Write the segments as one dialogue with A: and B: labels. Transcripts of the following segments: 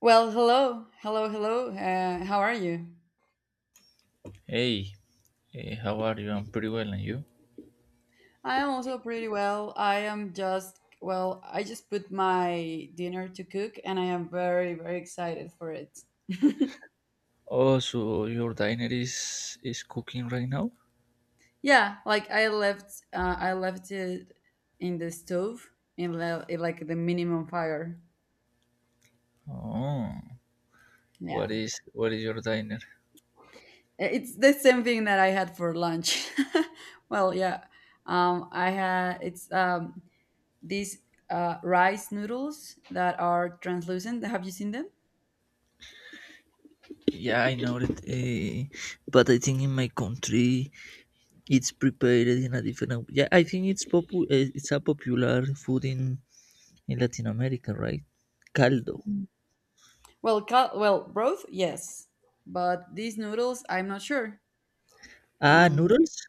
A: Well, hello, hello, hello. How are you?
B: Hey, how are you? I'm pretty well, and you?
A: I am also pretty well. I am just, well, I just put my dinner to cook and I am very, very excited for it.
B: Oh, so your diner is cooking right now?
A: Yeah, like I left it in the stove in like the minimum fire.
B: Oh,
A: Yeah.
B: what is your diner?
A: It's the same thing that I had for lunch. Well, yeah. I had, it's these rice noodles that are translucent. Have you seen them?
B: Yeah, I know it, but I think in my country it's prepared in a different. Yeah, I think it's it's a popular food in Latin America, right? Caldo.
A: Mm. Well, broth, yes, but these noodles, I'm not sure.
B: Ah,
A: Um,
B: noodles.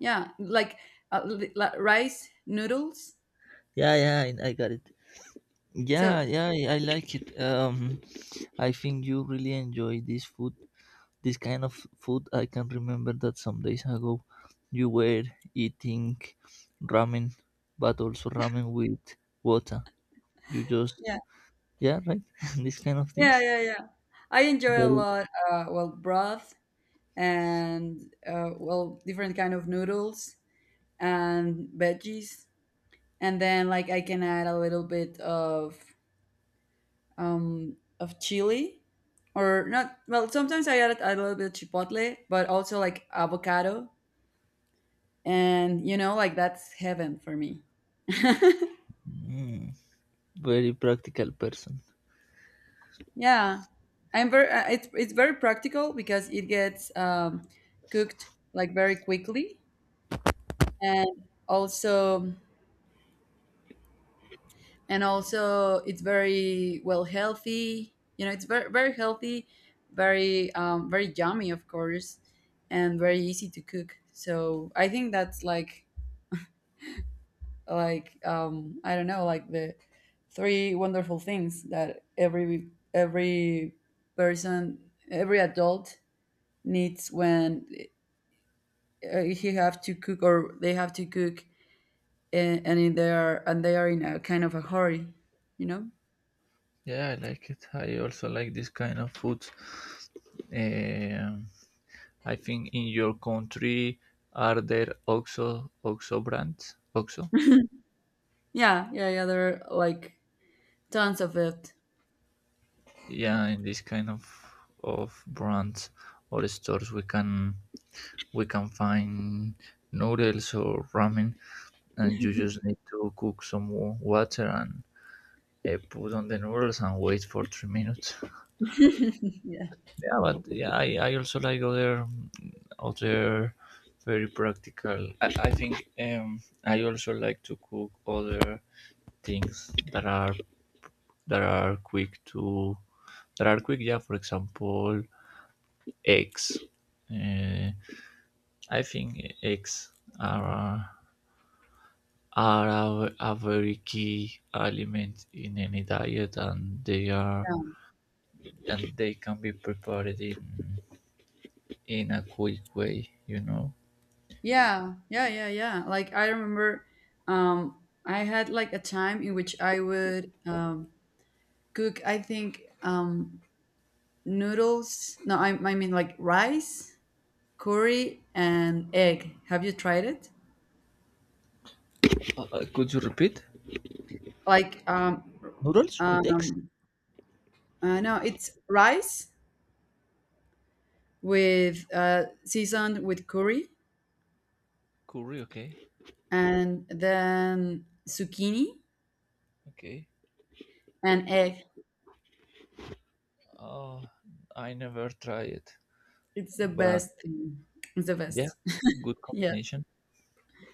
A: yeah, like rice noodles.
B: Yeah, yeah, I got it. Yeah,
A: So
B: yeah, I like it. I think you really enjoy this food, this kind of food. I can remember that some days ago you were eating ramen, but also ramen with water, you just,
A: yeah,
B: yeah, right, this kind of things.
A: yeah, yeah, yeah. I enjoy a
B: Very
A: lot. Well, broth and well, different kind of noodles and veggies, and then like I can add a little bit of chili or not. Well, sometimes I add a little bit of chipotle, but also like avocado, and you know, like that's heaven for me.
B: mm, very practical person.
A: Yeah, I'm very it's very practical because it gets cooked like very quickly and also and also it's very well healthy, you know, it's very, very healthy, very very yummy of course, and very easy to cook, so I think that's like I don't know, like the three wonderful things that every person, every adult needs when he have to cook or they have to cook, and in their and they are in a kind of a hurry, you know.
B: Yeah, I like it, I also like this kind of food. um, I think in your country are there oxo, oxo brands? Oxo
A: Yeah, yeah, yeah, there are like tons of it.
B: yeah, in this kind of brands or stores we can find noodles or ramen, and you just need to cook some water and put on the noodles and wait for 3 minutes.
A: Yeah,
B: Yeah, but yeah, I also like other very practical. I think I also like to cook other things that are that are quick to, that are quick. Yeah, for example, eggs. Uh, I think eggs are are a very key element in any diet, and they are and they can be prepared in a quick way, you know.
A: yeah, yeah, yeah, yeah. Like I remember, um, I had like a time in which I would cook, I think noodles, no, I mean like rice, curry and egg. Have you tried it?
B: Could you repeat?
A: like um
B: Noodles with eggs?
A: um no, it's rice with seasoned with curry
B: Curry, okay.
A: and then zucchini
B: Okay.
A: and egg.
B: Oh, I never tried it,
A: It's the
B: but
A: best thing. It's the
B: yeah,
A: best.
B: good
A: Yeah,
B: combination,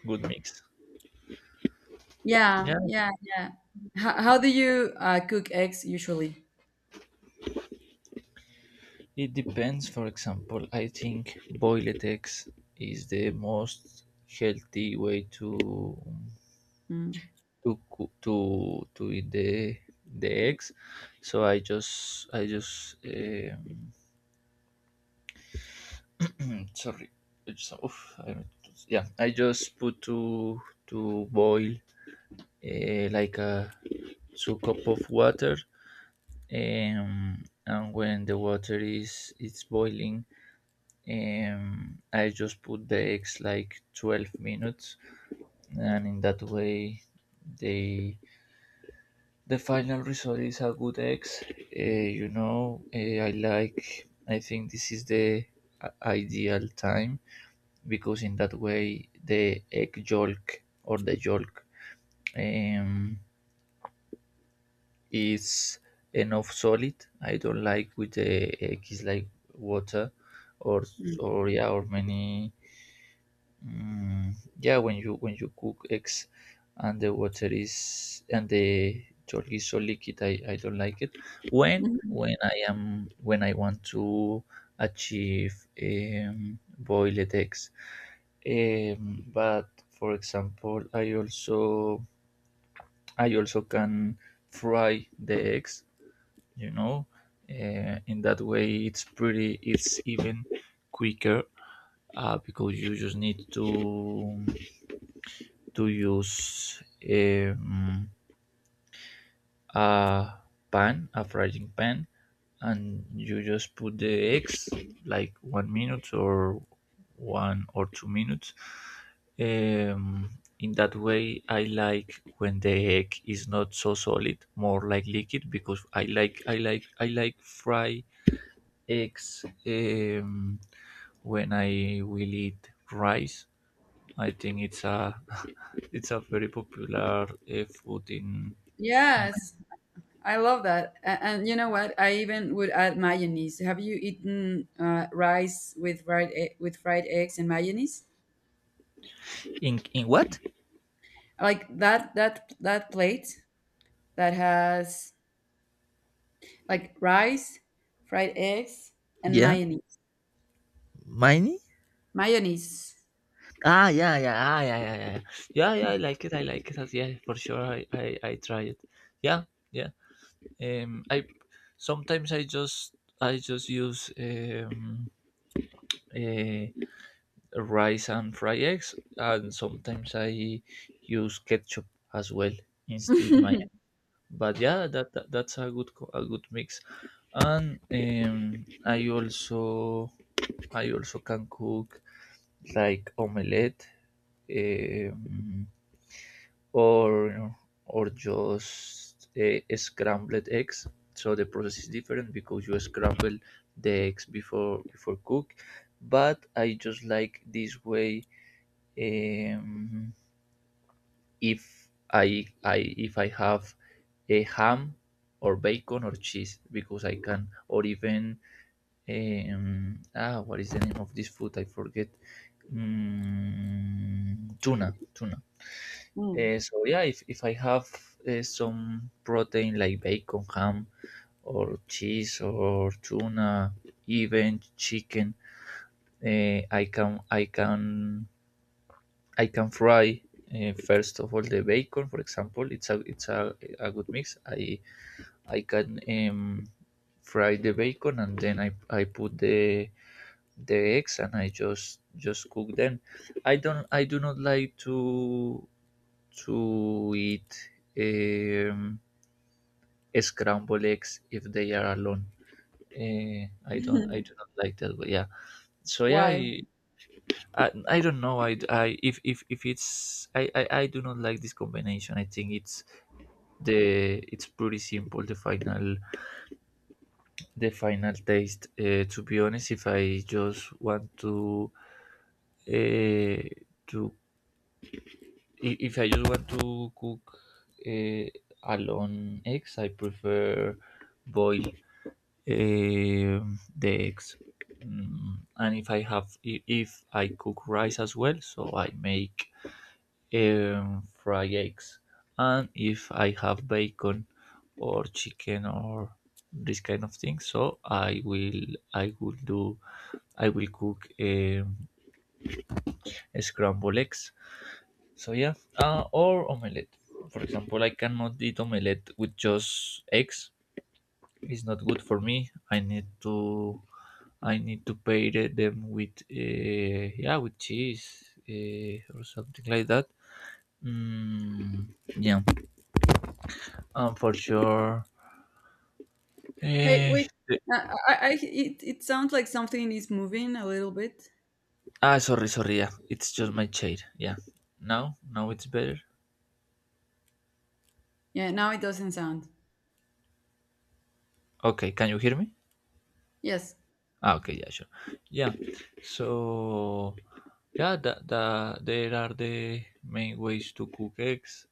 B: good mix.
A: yeah,
B: Yeah.
A: yeah, yeah. How do you cook eggs usually?
B: It depends. For example, I think boiled eggs is the most healthy way to
A: Mm.
B: to coo- to to eat the eggs. So I just, i just eh, sorry, it's, oof, I- yeah, I just put to boil like a two cup of water. And when the water is it's boiling, I just put the eggs like 12 minutes, and in that way they the final result is a good X. Uh, you know, I like. I think this is the ideal time, because in that way the egg yolk or the yolk um, is enough solid. I don't like with the egg is like water, or
A: Mm.
B: yeah, or many. Mm, yeah, when you cook eggs and the yolk is so liquid, I don't like it. When I am when I want to achieve boiled eggs. But for example, I also can fry the eggs. You know, in that way it's pretty, it's even quicker, because you just need to use um, a pan, a frying pan, and you just put the eggs like 1 minute or 1 or 2 minutes. Um, in that way I like when the egg is not so solid, more like liquid, because I like fry eggs when I will eat rice. I think it's a it's a very popular food in in
A: Yes. I love that. And you know what? I even would add mayonnaise. Have you eaten rice with with fried eggs and mayonnaise?
B: in. In what?
A: Like that that that plate that has like rice, fried eggs, and mayonnaise. Mayonnaise.
B: Ah, yeah, yeah, ah, yeah, yeah, yeah, yeah, yeah. I like it, I like it. Yeah, for sure. I try it. Yeah, yeah. I sometimes I just use uh, rice and fried eggs, and sometimes I use ketchup as well instead my. But yeah, that's a good a good mix. And I also can cook like omelette, um, or just scrambled eggs. So the process is different because you scramble the eggs before cook. But I just like this way. Um, if I I if I have a ham or bacon or cheese because I can, or even ah, what is the name of this food? I forget. Mm, tuna, tuna.
A: Mm.
B: So yeah, if I have some protein like bacon, ham, or cheese, or tuna, even chicken, uh, I can fry first of all the bacon, for example. It's a good mix. I can fry the bacon, and then I put the eggs and I just cook them. I do not like to eat um, scrambled eggs if they are alone. I do not like that. But yeah, so yeah,
A: Why?
B: I don't know. I if it's I do not like this combination. I think it's the it's pretty simple the final taste. To be honest, if I just want to uh, to if I just want to cook uh, alone eggs, I prefer boil the eggs. Mm, and if I have, if I cook rice as well, so I make fried eggs. And if I have bacon or chicken or this kind of thing, so I will do, I will cook scrambled eggs. So yeah, or omelette. For example, I cannot eat omelette with just eggs. It's not good for me. I need to them with, yeah, with cheese or something like that. Mm, yeah, for sure.
A: Hey,
B: Eh,
A: wait. Uh, it sounds like something is moving a little bit.
B: ah, sorry, sorry. Yeah, it's just my chair. Yeah, now it's better.
A: Yeah, now it doesn't sound.
B: Okay, can you hear me?
A: Yes.
B: Ah, okay, yeah, sure. Yeah, so yeah, there are the main ways to cook eggs.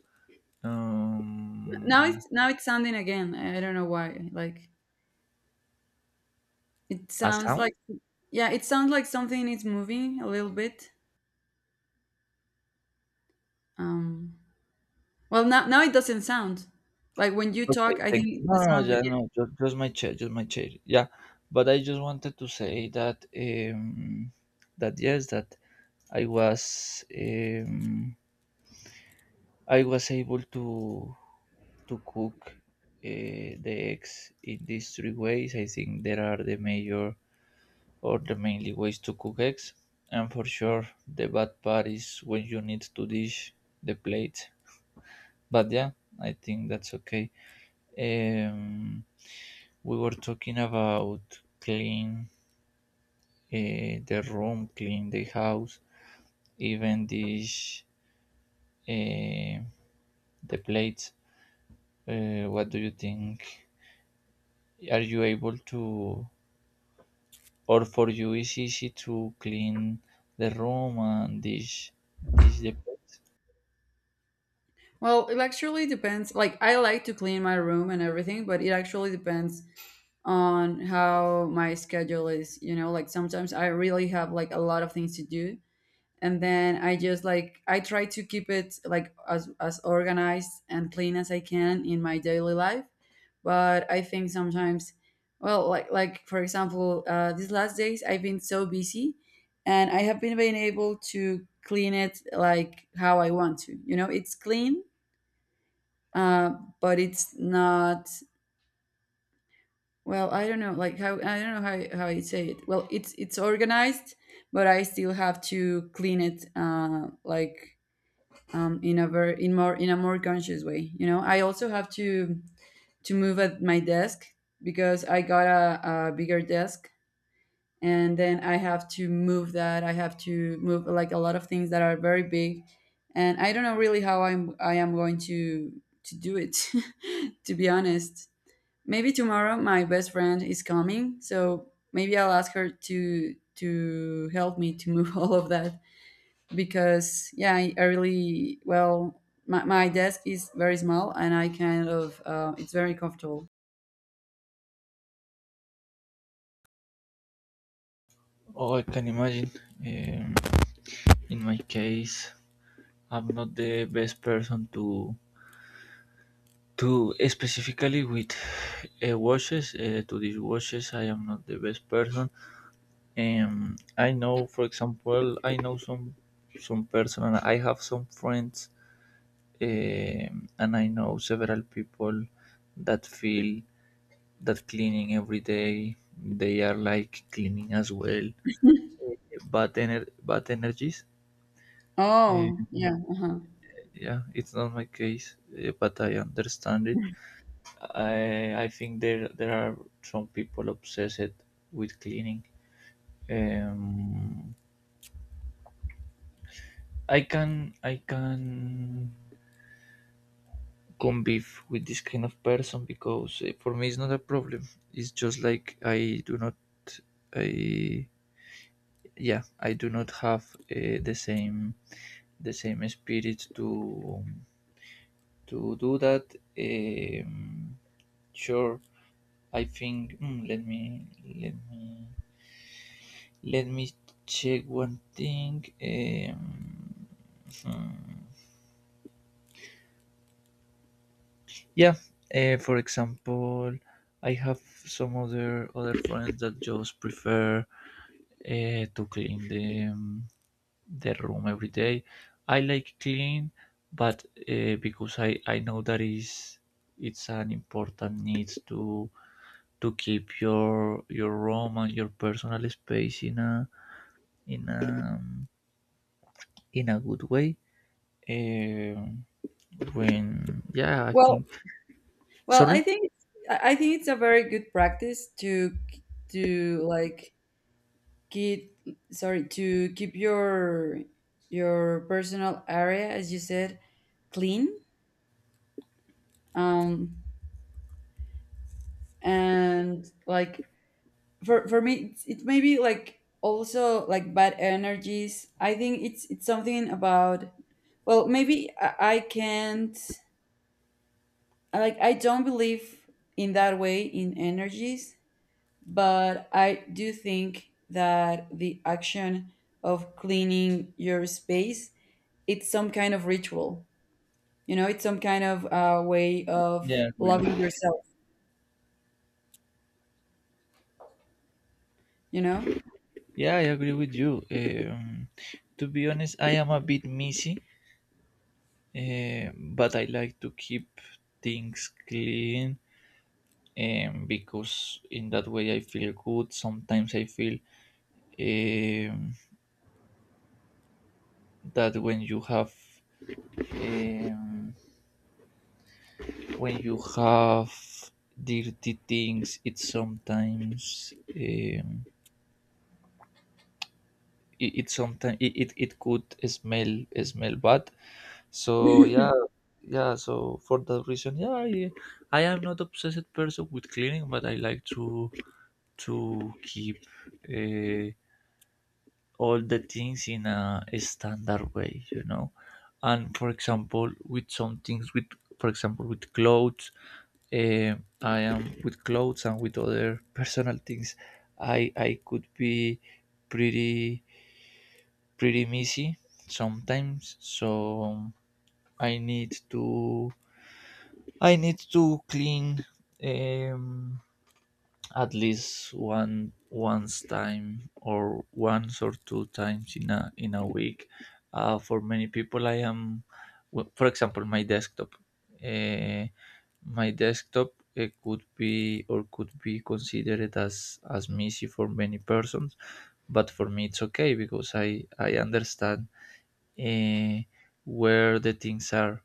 A: Now
B: Um,
A: it's, now it's sounding again. I don't know why. Like it
B: a
A: sounds
B: sound?
A: like, yeah, it sounds like something is moving a little bit. Um, well, now, now it doesn't sound like when you
B: Okay,
A: talk. I
B: thank you.
A: think
B: No,
A: the
B: no,
A: sound
B: yeah,
A: begins.
B: no, just my chair, just my chair. Yeah, but I just wanted to say that that yes, that I was um, I was able to cook the eggs in these three ways. I think there are the major or the mainly ways to cook eggs. And for sure, the bad part is when you need to dish the plate. But yeah, I think that's okay. Um, we were talking about clean the room, clean the house, even dish uh, the plates. What do you think? Are you able to, or for you is easy to clean the room and dish the plates?
A: Well, it actually depends. Like I like to clean my room and everything, but it actually depends on how my schedule is. You know, like sometimes I really have like a lot of things to do, and then I just like I try to keep it like as organized and clean as I can in my daily life, but I think sometimes, well, like for example these last days I've been so busy, and I have been being able to clean it like how I want to, you know, it's clean, uh, but it's not, well, I don't know like how, I don't know how you say it, well, it's organized, but I still have to clean it, like in a very in more in a more conscious way. You know, I also have to move at my desk because I got a bigger desk, and then I have to move that. I have to move like a lot of things that are very big, and I don't know really how I am going to do it. To be honest, maybe tomorrow my best friend is coming, so maybe I'll ask her to help me to move all of that because yeah, I really, well, my desk is very small, and I kind of it's very comfortable.
B: Oh, I can imagine. Um, in my case, I'm not the best person to specifically with washes to these washes. I am not the best person. I know, for example, I know some person. And I have some friends, and I know several people that feel that cleaning every day. They are like cleaning as well, uh, bad energies. Um,
A: Oh, yeah. Uh-huh.
B: yeah, it's not my case, but I understand it. I think there are some people obsessed with cleaning. um I can convive with this kind of person, because for me it's not a problem. It's just like I do not I yeah, I do not have the same spirit to do that. um sure. I think, let me let me let me check one thing. Um, hmm. Yeah, for example, I have some other friends that just prefer to clean the room every day. I like clean, but because I know that is it's an important need to keep your room and your personal space in a in a good way. Um, when, yeah, I
A: Well,
B: think,
A: well,
B: sorry.
A: I think it's- I think it's a very good practice to like keep, sorry, to keep your personal area, as you said, clean, um and like, for me, it's, it may be like also like bad energies. I think it's something about, well, maybe I can't, like I don't believe in that way in energies, but I do think that the action of cleaning your space, it's some kind of ritual, you know, it's some kind of way
B: Yeah,
A: of
B: I
A: loving
B: agree.
A: yourself, you know.
B: Yeah, I agree with you. To be honest, I am a bit messy, but I like to keep things clean, because in that way I feel good. Sometimes I feel um, that when you have um, when you have dirty things, it sometimes it, it could smell smell bad, so yeah, yeah, so for that reason, yeah, I am not obsessed person with cleaning, but I like to keep uh, all the things in a standard way, you know. And for example, with some things with, for example, with clothes. Eh, I am with clothes and with other personal things. I could be pretty pretty messy sometimes, so I need to clean um, at least one once time or once or two times in a week. For many people, I am, well, for example, my desktop. Uh, my desktop could be or could be considered as messy for many persons, but for me it's okay because I understand uh, where the things are.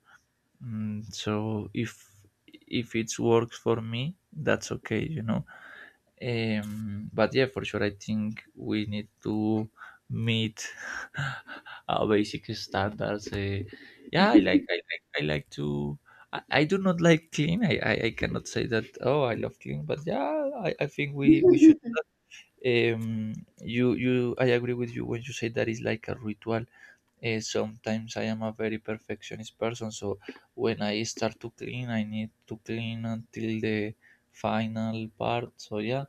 B: Mm, so if it works for me, that's okay, you know. But yeah, for sure, I think we need to meet basic standards. Yeah, I like to. I do not like clean. I cannot say that. Oh, I love clean, but yeah, I think we should. Um, you. I agree with you when you say that is like a ritual. Sometimes I am a very perfectionist person, so when I start to clean, I need to clean until the final part. So yeah,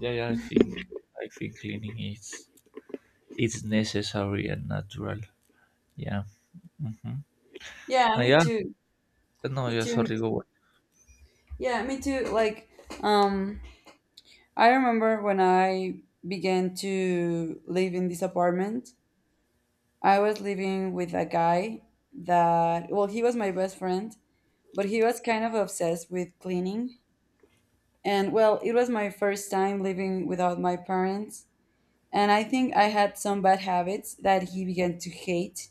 B: yeah, yeah, I think cleaning is it's necessary and natural. Yeah. Mm-hmm.
A: Yeah, me
B: Yeah.
A: too,
B: No,
A: me
B: yeah.
A: too, me
B: Sorry. Go
A: too,
B: on.
A: yeah, me too. Like um I remember when I began to live in this apartment, I was living with a guy that, well, he was my best friend, but he was kind of obsessed with cleaning. And well, it was my first time living without my parents. And I think I had some bad habits that he began to hate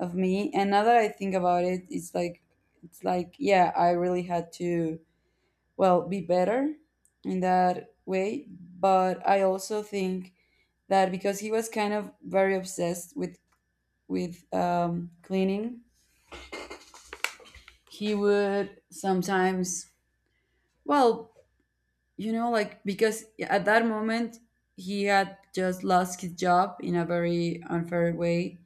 A: of me. And now that I think about it, it's like, yeah, I really had to, well, be better in that way. But I also think that because he was kind of very obsessed with cleaning, he would sometimes, well, you know, like because at that moment he had just lost his job in a very unfair way,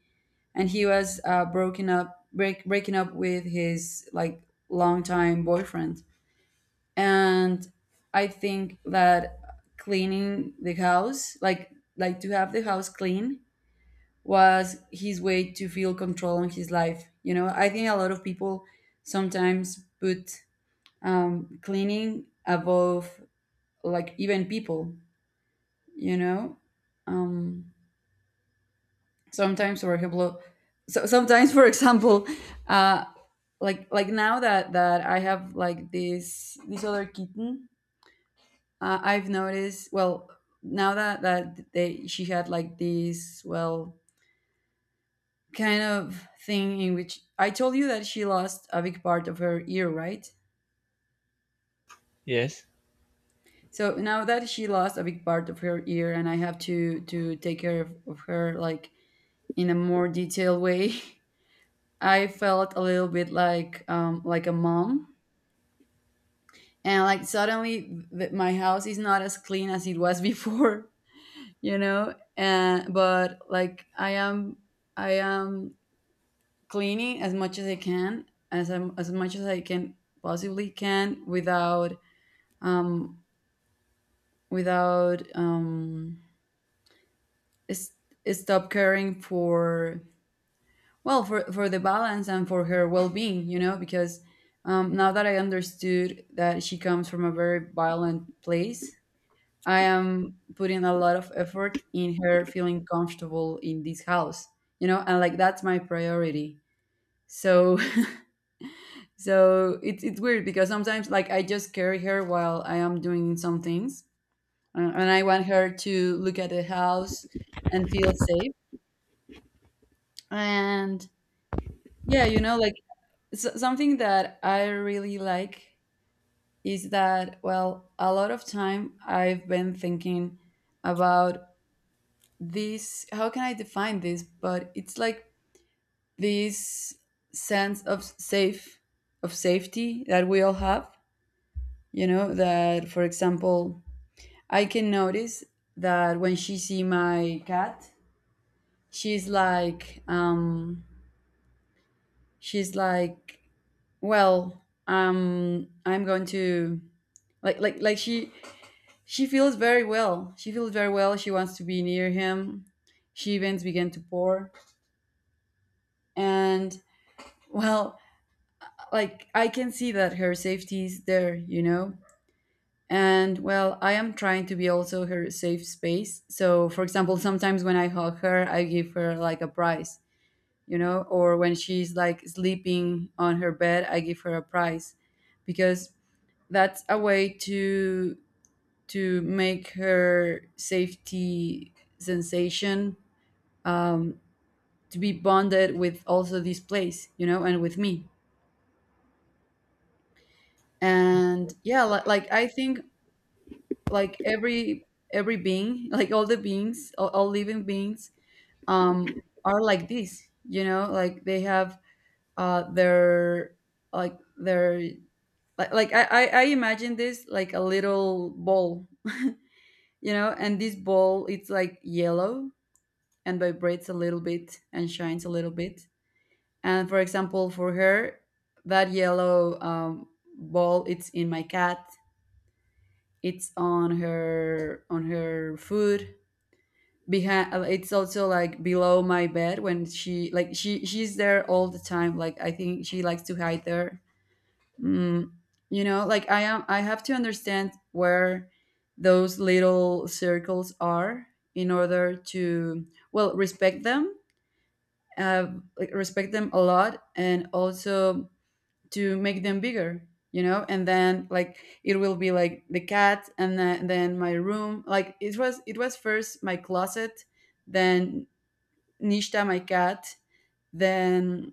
A: and he was breaking up with his like longtime boyfriend, and I think that cleaning the house, like to have the house clean, was his way to feel control on his life. You know, I think a lot of people sometimes put cleaning above like even people. You know, um, sometimes for example, sometimes for example, uh, like now that that I have like this other kitten, I've noticed, well, now that that they, she had like this, well, kind of thing in which I told you that she lost a big part of her ear, right?
B: Yes.
A: So now that she lost a big part of her ear and I have to take care of her like in a more detailed way, I felt a little bit like a mom, and like suddenly my house is not as clean as it was before, you know? And but like I am cleaning as much as I can, as much as I can possibly can without um, without um, s- stop caring for, well, for the balance and for her well-being, you know, because now that I understood that she comes from a very violent place, I am putting a lot of effort in her feeling comfortable in this house, you know, and like that's my priority. So so it's weird because sometimes like I just carry her while I am doing some things. And I want her to look at the house and feel safe. And yeah, you know, like something that I really like is that, well, a lot of time I've been thinking about this. How can I define this? But it's like this sense of safe, of safety that we all have. You know, that for example, I can notice that when she see my cat, she's like, she's like, well, I'm going to like she she feels very well, she feels very well she wants to be near him. She events began to pour, and, well, like I can see that her safety is there, you know. And well, I am trying to be also her safe space. So for example, sometimes when I hug her, I give her like a prize, you know, or when she's like sleeping on her bed, I give her a prize, because that's a way to make her safety sensation to be bonded with also this place, you know, and with me. And yeah, like I think like every being like all the beings, all living beings, um are like this, you know, like they have uh their their like, I imagine this like a little ball, you know, and this ball, it's like yellow and vibrates a little bit and shines a little bit. And for example, for her, that yellow ball, it's in my cat. It's on her food. Behind, it's also like below my bed when she like she's there all the time. Like I think she likes to hide there. Mm, you know, like I am. I have to understand where those little circles are in order to, well, respect them, uh, like respect them a lot, and also to make them bigger, you know. And then like it will be like the cat, and then my room. Like it was first my closet, then nishta my cat, then,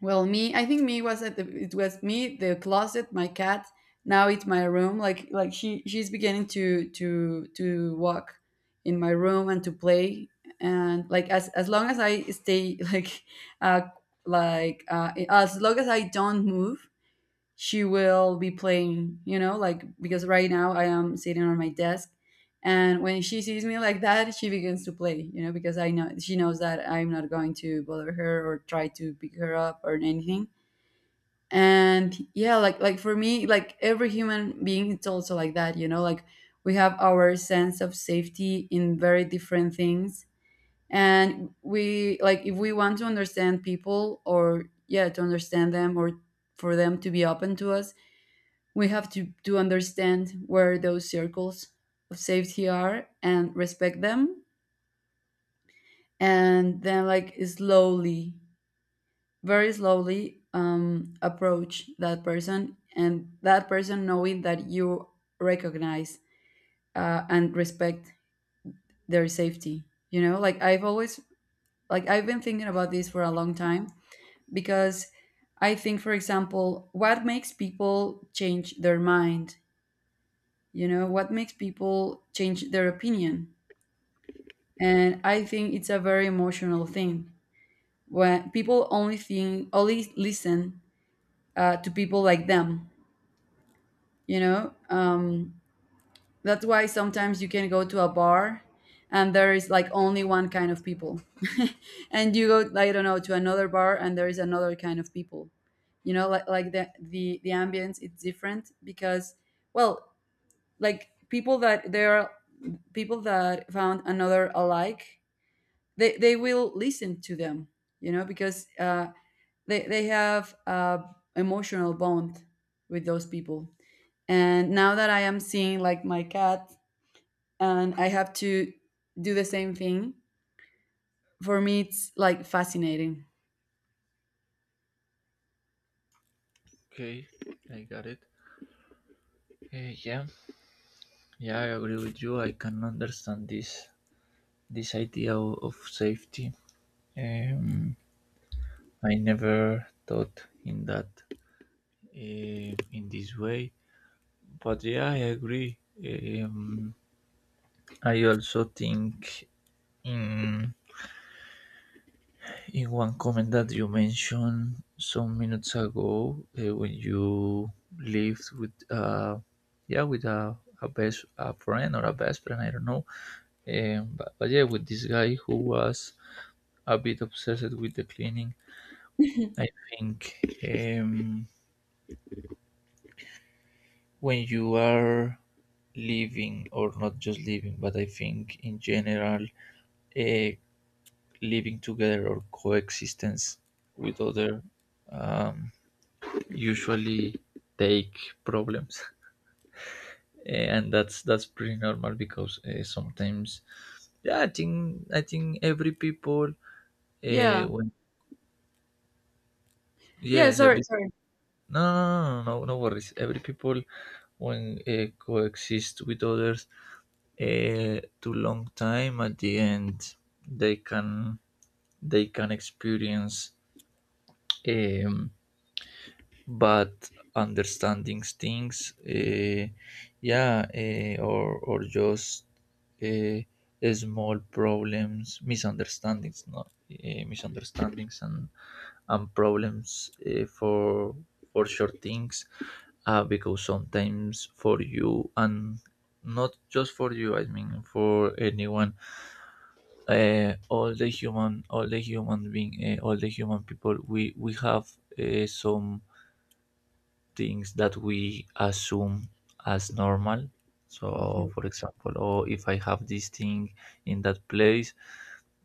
A: well, me. I think me was at the, it was me, the closet, my cat. Now it's my room. Like she's beginning to walk in my room and to play. And like as long as I stay like uh as long as I don't move, she will be playing, you know, like because right now I am sitting on my desk, and when she sees me like that, she begins to play, you know, because I know she knows that I'm not going to bother her or try to pick her up or anything. And yeah, like for me, like every human being it's also like that, you know. Like we have our sense of safety in very different things. And we like, if we want to understand people, or yeah, to understand them, or for them to be open to us, we have to understand where those circles of safety are and respect them. And then like slowly, very slowly, approach that person, and that person knowing that you recognize, and respect their safety. You know, like I've been thinking about this for a long time, because I think, for example, what makes people change their mind, you know, what makes people change their opinion. And I think it's a very emotional thing, when people only think, only listen, to people like them, you know. That's why sometimes you can go to a bar and there is like only one kind of people, and you go, I don't know, to another bar and there is another kind of people, you know. Like, like the ambience it's different, because, well, like people that there are, people that found another alike, they will listen to them, you know, because they have emotional bond with those people. And now that I am seeing like my cat, and I have to do the same thing, for me it's like fascinating.
B: Okay. I got it. Yeah. Yeah, I agree with you. I can understand this this idea of safety. Um, I never thought in that in this way. But yeah, I agree. Um, I also think. In. In one comment that you mentioned some minutes ago, when you lived with yeah with a best a friend or a best friend, I don't know, but yeah, with this guy who was a bit obsessed with the cleaning. I think, um, when you are living, or not just living, but I think in general, uh, living together or coexistence with other, um, usually take problems and that's pretty normal because, sometimes yeah, I think every people,
A: Yeah,
B: when
A: yeah,
B: yes
A: sorry
B: every,
A: sorry
B: no worries, every people when, coexist with others too long time at the end they can, they can experience, um, but understanding things, yeah, or just, uh, small problems, misunderstandings, no, misunderstandings and problems, for short things, because sometimes for you and not just for you, I mean for anyone, all the human being all the human people, we have some things that we assume as normal. So,
A: Mhm.
B: for example, oh, if I have this thing in that place,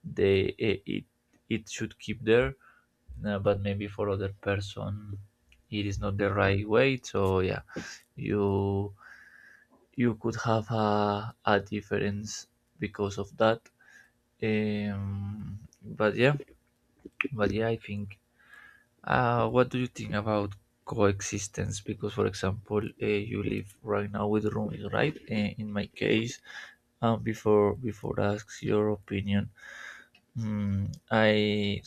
B: they it should keep there. But maybe for other person it is not the right way. So yeah, you you could have a difference because of that. Um, but yeah, but yeah, I think. What do you think about coexistence? Because, for example, you live right now with roomies, right? In my case, before before asks your opinion, mm, I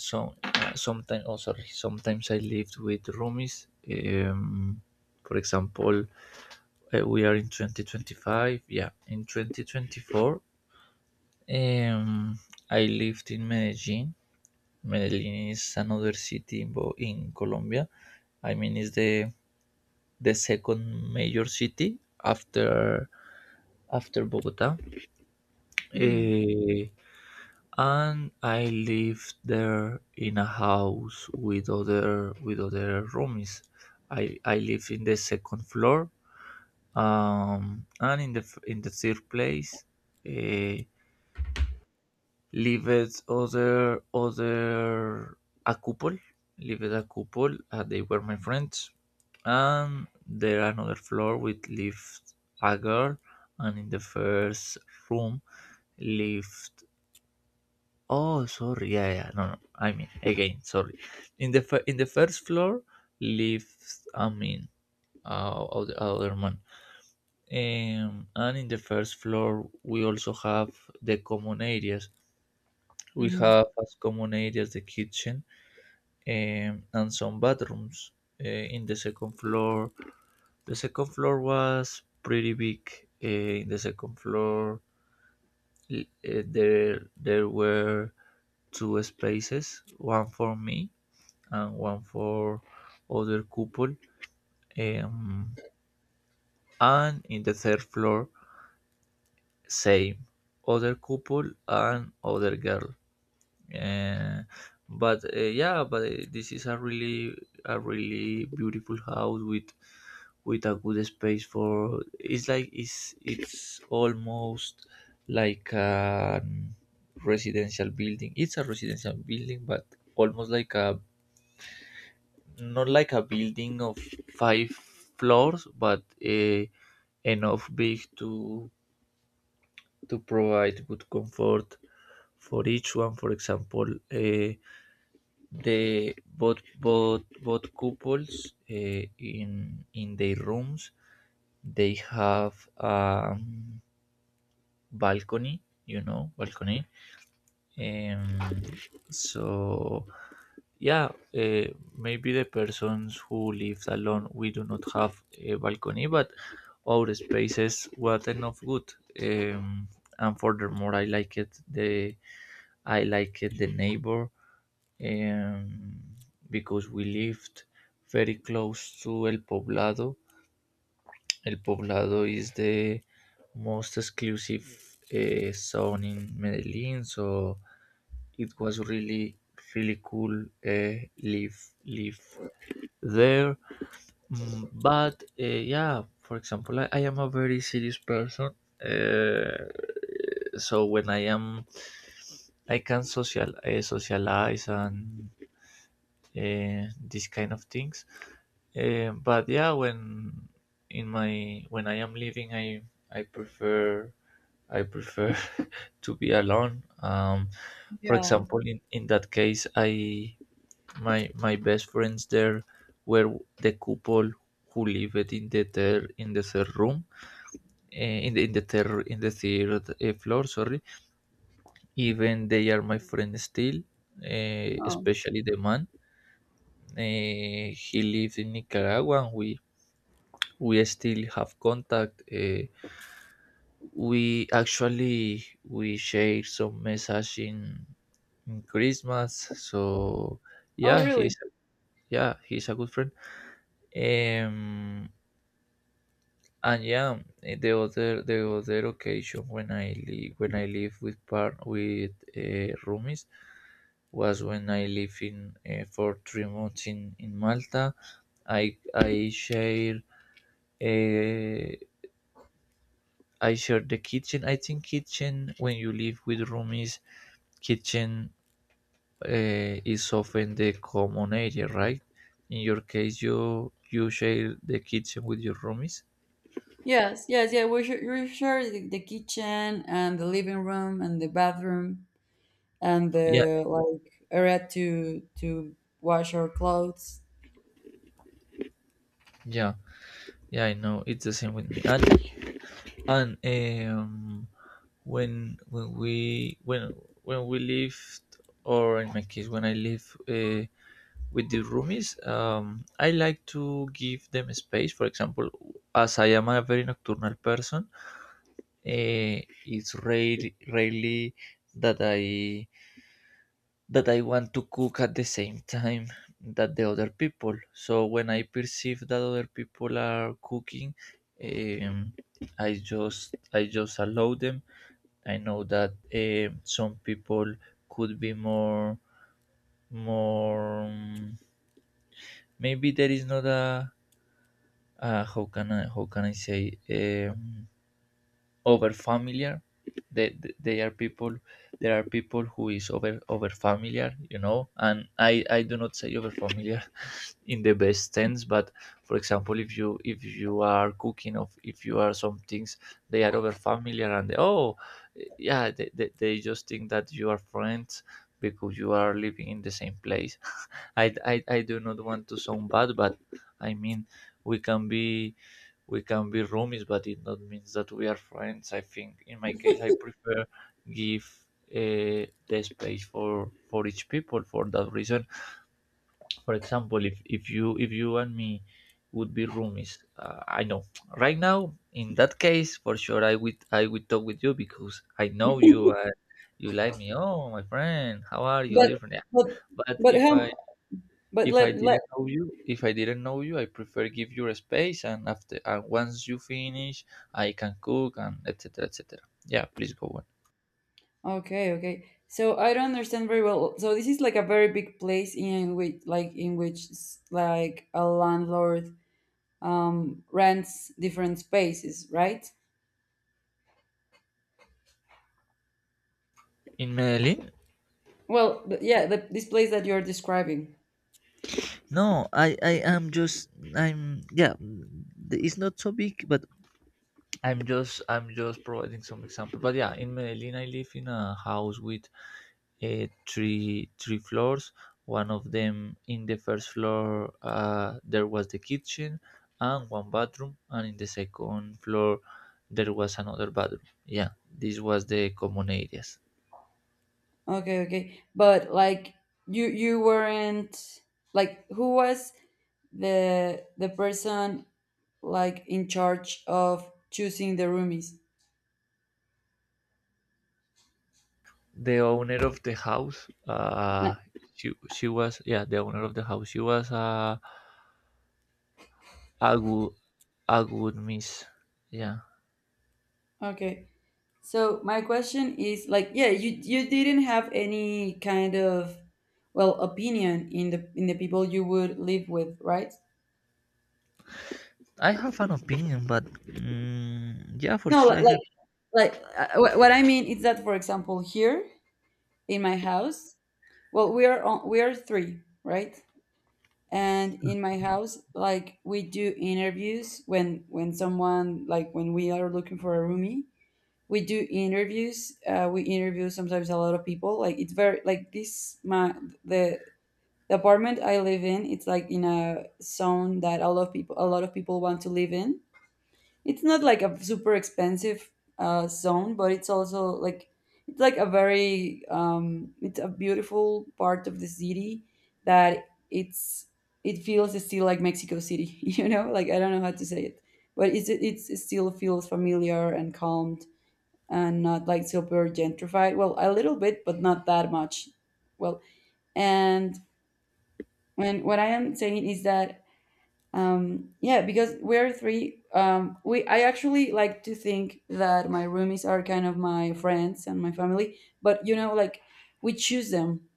B: so sometimes, oh, sorry, sometimes I lived with roomies. For example, we are in 2025. Yeah, in 2024, um, I lived in Medellin. Medellin is another city in, Bo- in Colombia. I mean, it's the second major city after after Bogota.
A: Mhm.
B: Eh, and I lived there in a house with other roomies. I live in the second floor, and in the f- in the third place, eh, leaves other other a couple, leavitt a couple, and they were my friends. And there another floor with lived a girl, and in the first room lived. Oh, sorry, yeah, yeah, no, no. I mean, again, sorry. In the fir- in the first floor lived, I mean, other, other man. And in the first floor we also have the common areas. We
A: Mhm.
B: have as common areas the kitchen, and some bathrooms in the second floor. The second floor was pretty big. Uh, in the second floor, there there were two spaces, one for me and one for other couple. Um, and in the third floor, same, other couple and other girl. Uh, but yeah but This is a really beautiful house with a good space for, it's like it's almost like a residential building. It's a residential building but almost like a, not like a building of five floors, but enough big to provide good comfort for each one. For example, uh, they both couples, in their rooms they have a, balcony, you know, balcony. Um, so yeah, uh, maybe the persons who live alone we do not have a balcony, but our spaces were enough good. Um, and furthermore, I like it the I like it the neighbor, um, because we lived very close to El Poblado. El Poblado is the most exclusive zone in Medellin, so it was really really cool live live there. But yeah, for example, I am a very serious person. Uh, so when I am, I can social socialize and these kind of things. But yeah, when in my when I am living, I I prefer I prefer to be alone. For
A: Yeah.
B: example, in that case, I my my best friends there were the couple who lived in the third room, in the third floor. Sorry, even they are my friends still,
A: Oh.
B: especially the man. He lived in Nicaragua. And we still have contact. We actually we share some message in Christmas. So yeah,
A: Oh really?
B: he's yeah he's a good friend. Um, and yeah, the other occasion when I live with part with roomies was when I live in for 3 months in Malta. I share. Eh, I share the kitchen. I think kitchen when you live with roomies, kitchen is often the common area, right? In your case, you share the kitchen with your roomies.
A: Yes, yes, yeah, we share the kitchen and the living room and the bathroom and
B: Yeah,
A: the like area to wash our clothes.
B: yeah, yeah. I know it's the same with me. And um, when when we when when we lived, or in my case, when I live. With the roomies, I like to give them space. For example, as I am a very nocturnal person, it's rare, rarely that I that I want to cook at the same time that the other people. So when I perceive that other people are cooking, um, I just allow them. I know that, some people could be more more, maybe there is not a, how can I say, um, over familiar. They are people, there are people who is over over familiar, you know, and I do not say over familiar in the best sense, but for example if you are cooking of if you are some things, they are over familiar and they, oh yeah they just think that you are friends because you are living in the same place. I I do not want to sound bad, but I mean, we can be, we can be roomies, but it not means that we are friends. I think in my case I prefer give the space for each people, for that reason. For example, if you and me would be roomies, I know right now in that case for sure I would talk with you because I know you and you like me. Oh my friend, how are you?
A: But
B: Different, yeah.
A: but
B: But
A: but hum but
B: if I
A: let let
B: didn't know you, if I didn't know you, I prefer give you a space, and after and once you finish, I can cook and etc. etc. Yeah, please go on.
A: okay, okay. So I don't understand very well. So this is like a very big place in which, like in which like a landlord rents different spaces, right?
B: In Medellin?
A: Well, yeah, the, this place that you're describing.
B: No, I am just, I'm yeah, the- it's not so big, but I'm just providing some example. But yeah, in Medellin, I live in a house with three three floors. One of them in the first floor there was the kitchen and one bathroom, and in the second floor there was another bathroom. Yeah, this was the common areas.
A: Okay, okay. But like, you weren't, like who was the person like in charge of choosing the roomies.
B: The owner of the house,
A: No.
B: she was yeah the owner of the house. She was a good a good miss. Yeah,
A: Okay. So my question is like, yeah, you didn't have any kind of, well, opinion in the people you would live with, right?
B: I have an opinion, but mm, yeah, for
A: No,
B: sure I have.
A: like what I mean is that, for example, here in my house, well, we are on, we are 3, right? And in my house like, we do interviews when someone, like when we are looking for a roomie, we do interviews, we interview sometimes a lot of people. Like it's very like this, my, the the apartment I live in, it's like in a zone that a lot of people, a lot of people want to live in. It's not like a super expensive zone, but it's also like, it's like a very it's a beautiful part of the city, that it's, it feels still like Mexico City you know. Like I don't know how to say it, but it's, it still feels familiar and calm, and not like super gentrified. Well, a little bit, but not that much. Well, and when, what I am saying is that, yeah, because we're three, we, I actually like to think that my roomies are kind of my friends and my family, but you know, like we choose them,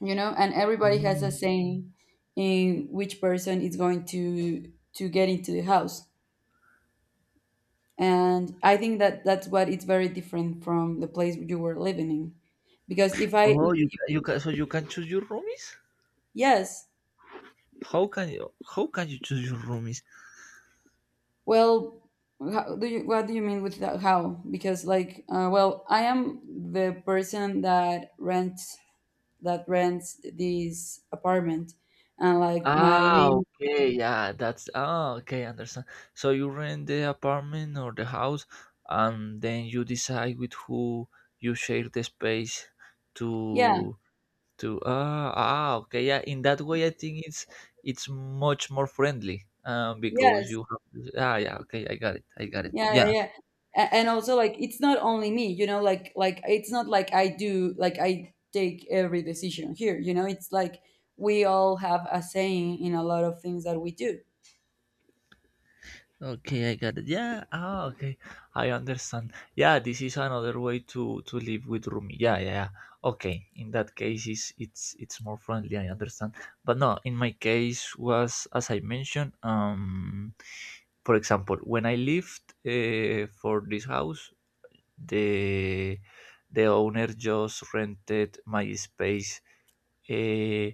A: you know, and everybody has a
B: Mm.
A: saying in which person is going to get into the house. And I think that, that's what it's very different from the place you were living in, because if I
B: Oh, you
A: if,
B: ca- you can so you can choose your roomies?
A: yes.
B: How can you choose your roomies?
A: Well, how do you, what do you mean with that, how, because like well, I am the person that rents, that rents this apartment, and like my
B: Ah,
A: name,
B: okay, yeah, that's ah, okay, understand. So you rent the apartment or the house, and then you decide with who you share the space
A: yeah,
B: to to ah ah okay yeah. In that way, I think it's much more friendly, because
A: yes.
B: you have ah yeah okay I got it
A: Yeah,
B: yeah.
A: yeah, yeah. A- And also like, it's not only me, you know, like it's not like I do, like I take every decision here, you know, it's like we all have a saying in a lot of things that we do.
B: Okay, I got it. Yeah. Oh, okay. I understand. Yeah, this is another way to live with roomie. Yeah, yeah, yeah. Okay. In that case, is it's more friendly. I understand. But no, in my case was as I mentioned. For example, when I lived for this house, the the owner just rented my space, eh,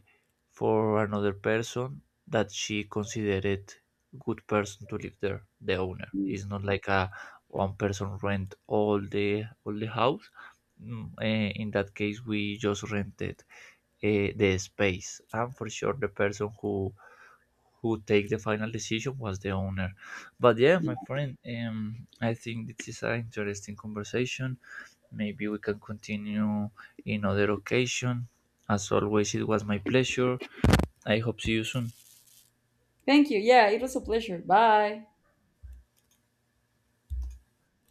B: for another person that she considered good person to live there. The owner
A: Mm,
B: it's not like a one person rent all the house. In that case we just rented the space, and for sure the person who take the final decision was the owner. But yeah, my
A: yeah.
B: friend, I think this is an interesting conversation. Maybe we can continue in other occasion. As always, it was my pleasure. I hope see you soon.
A: Thank you. Yeah, it was a pleasure. Bye.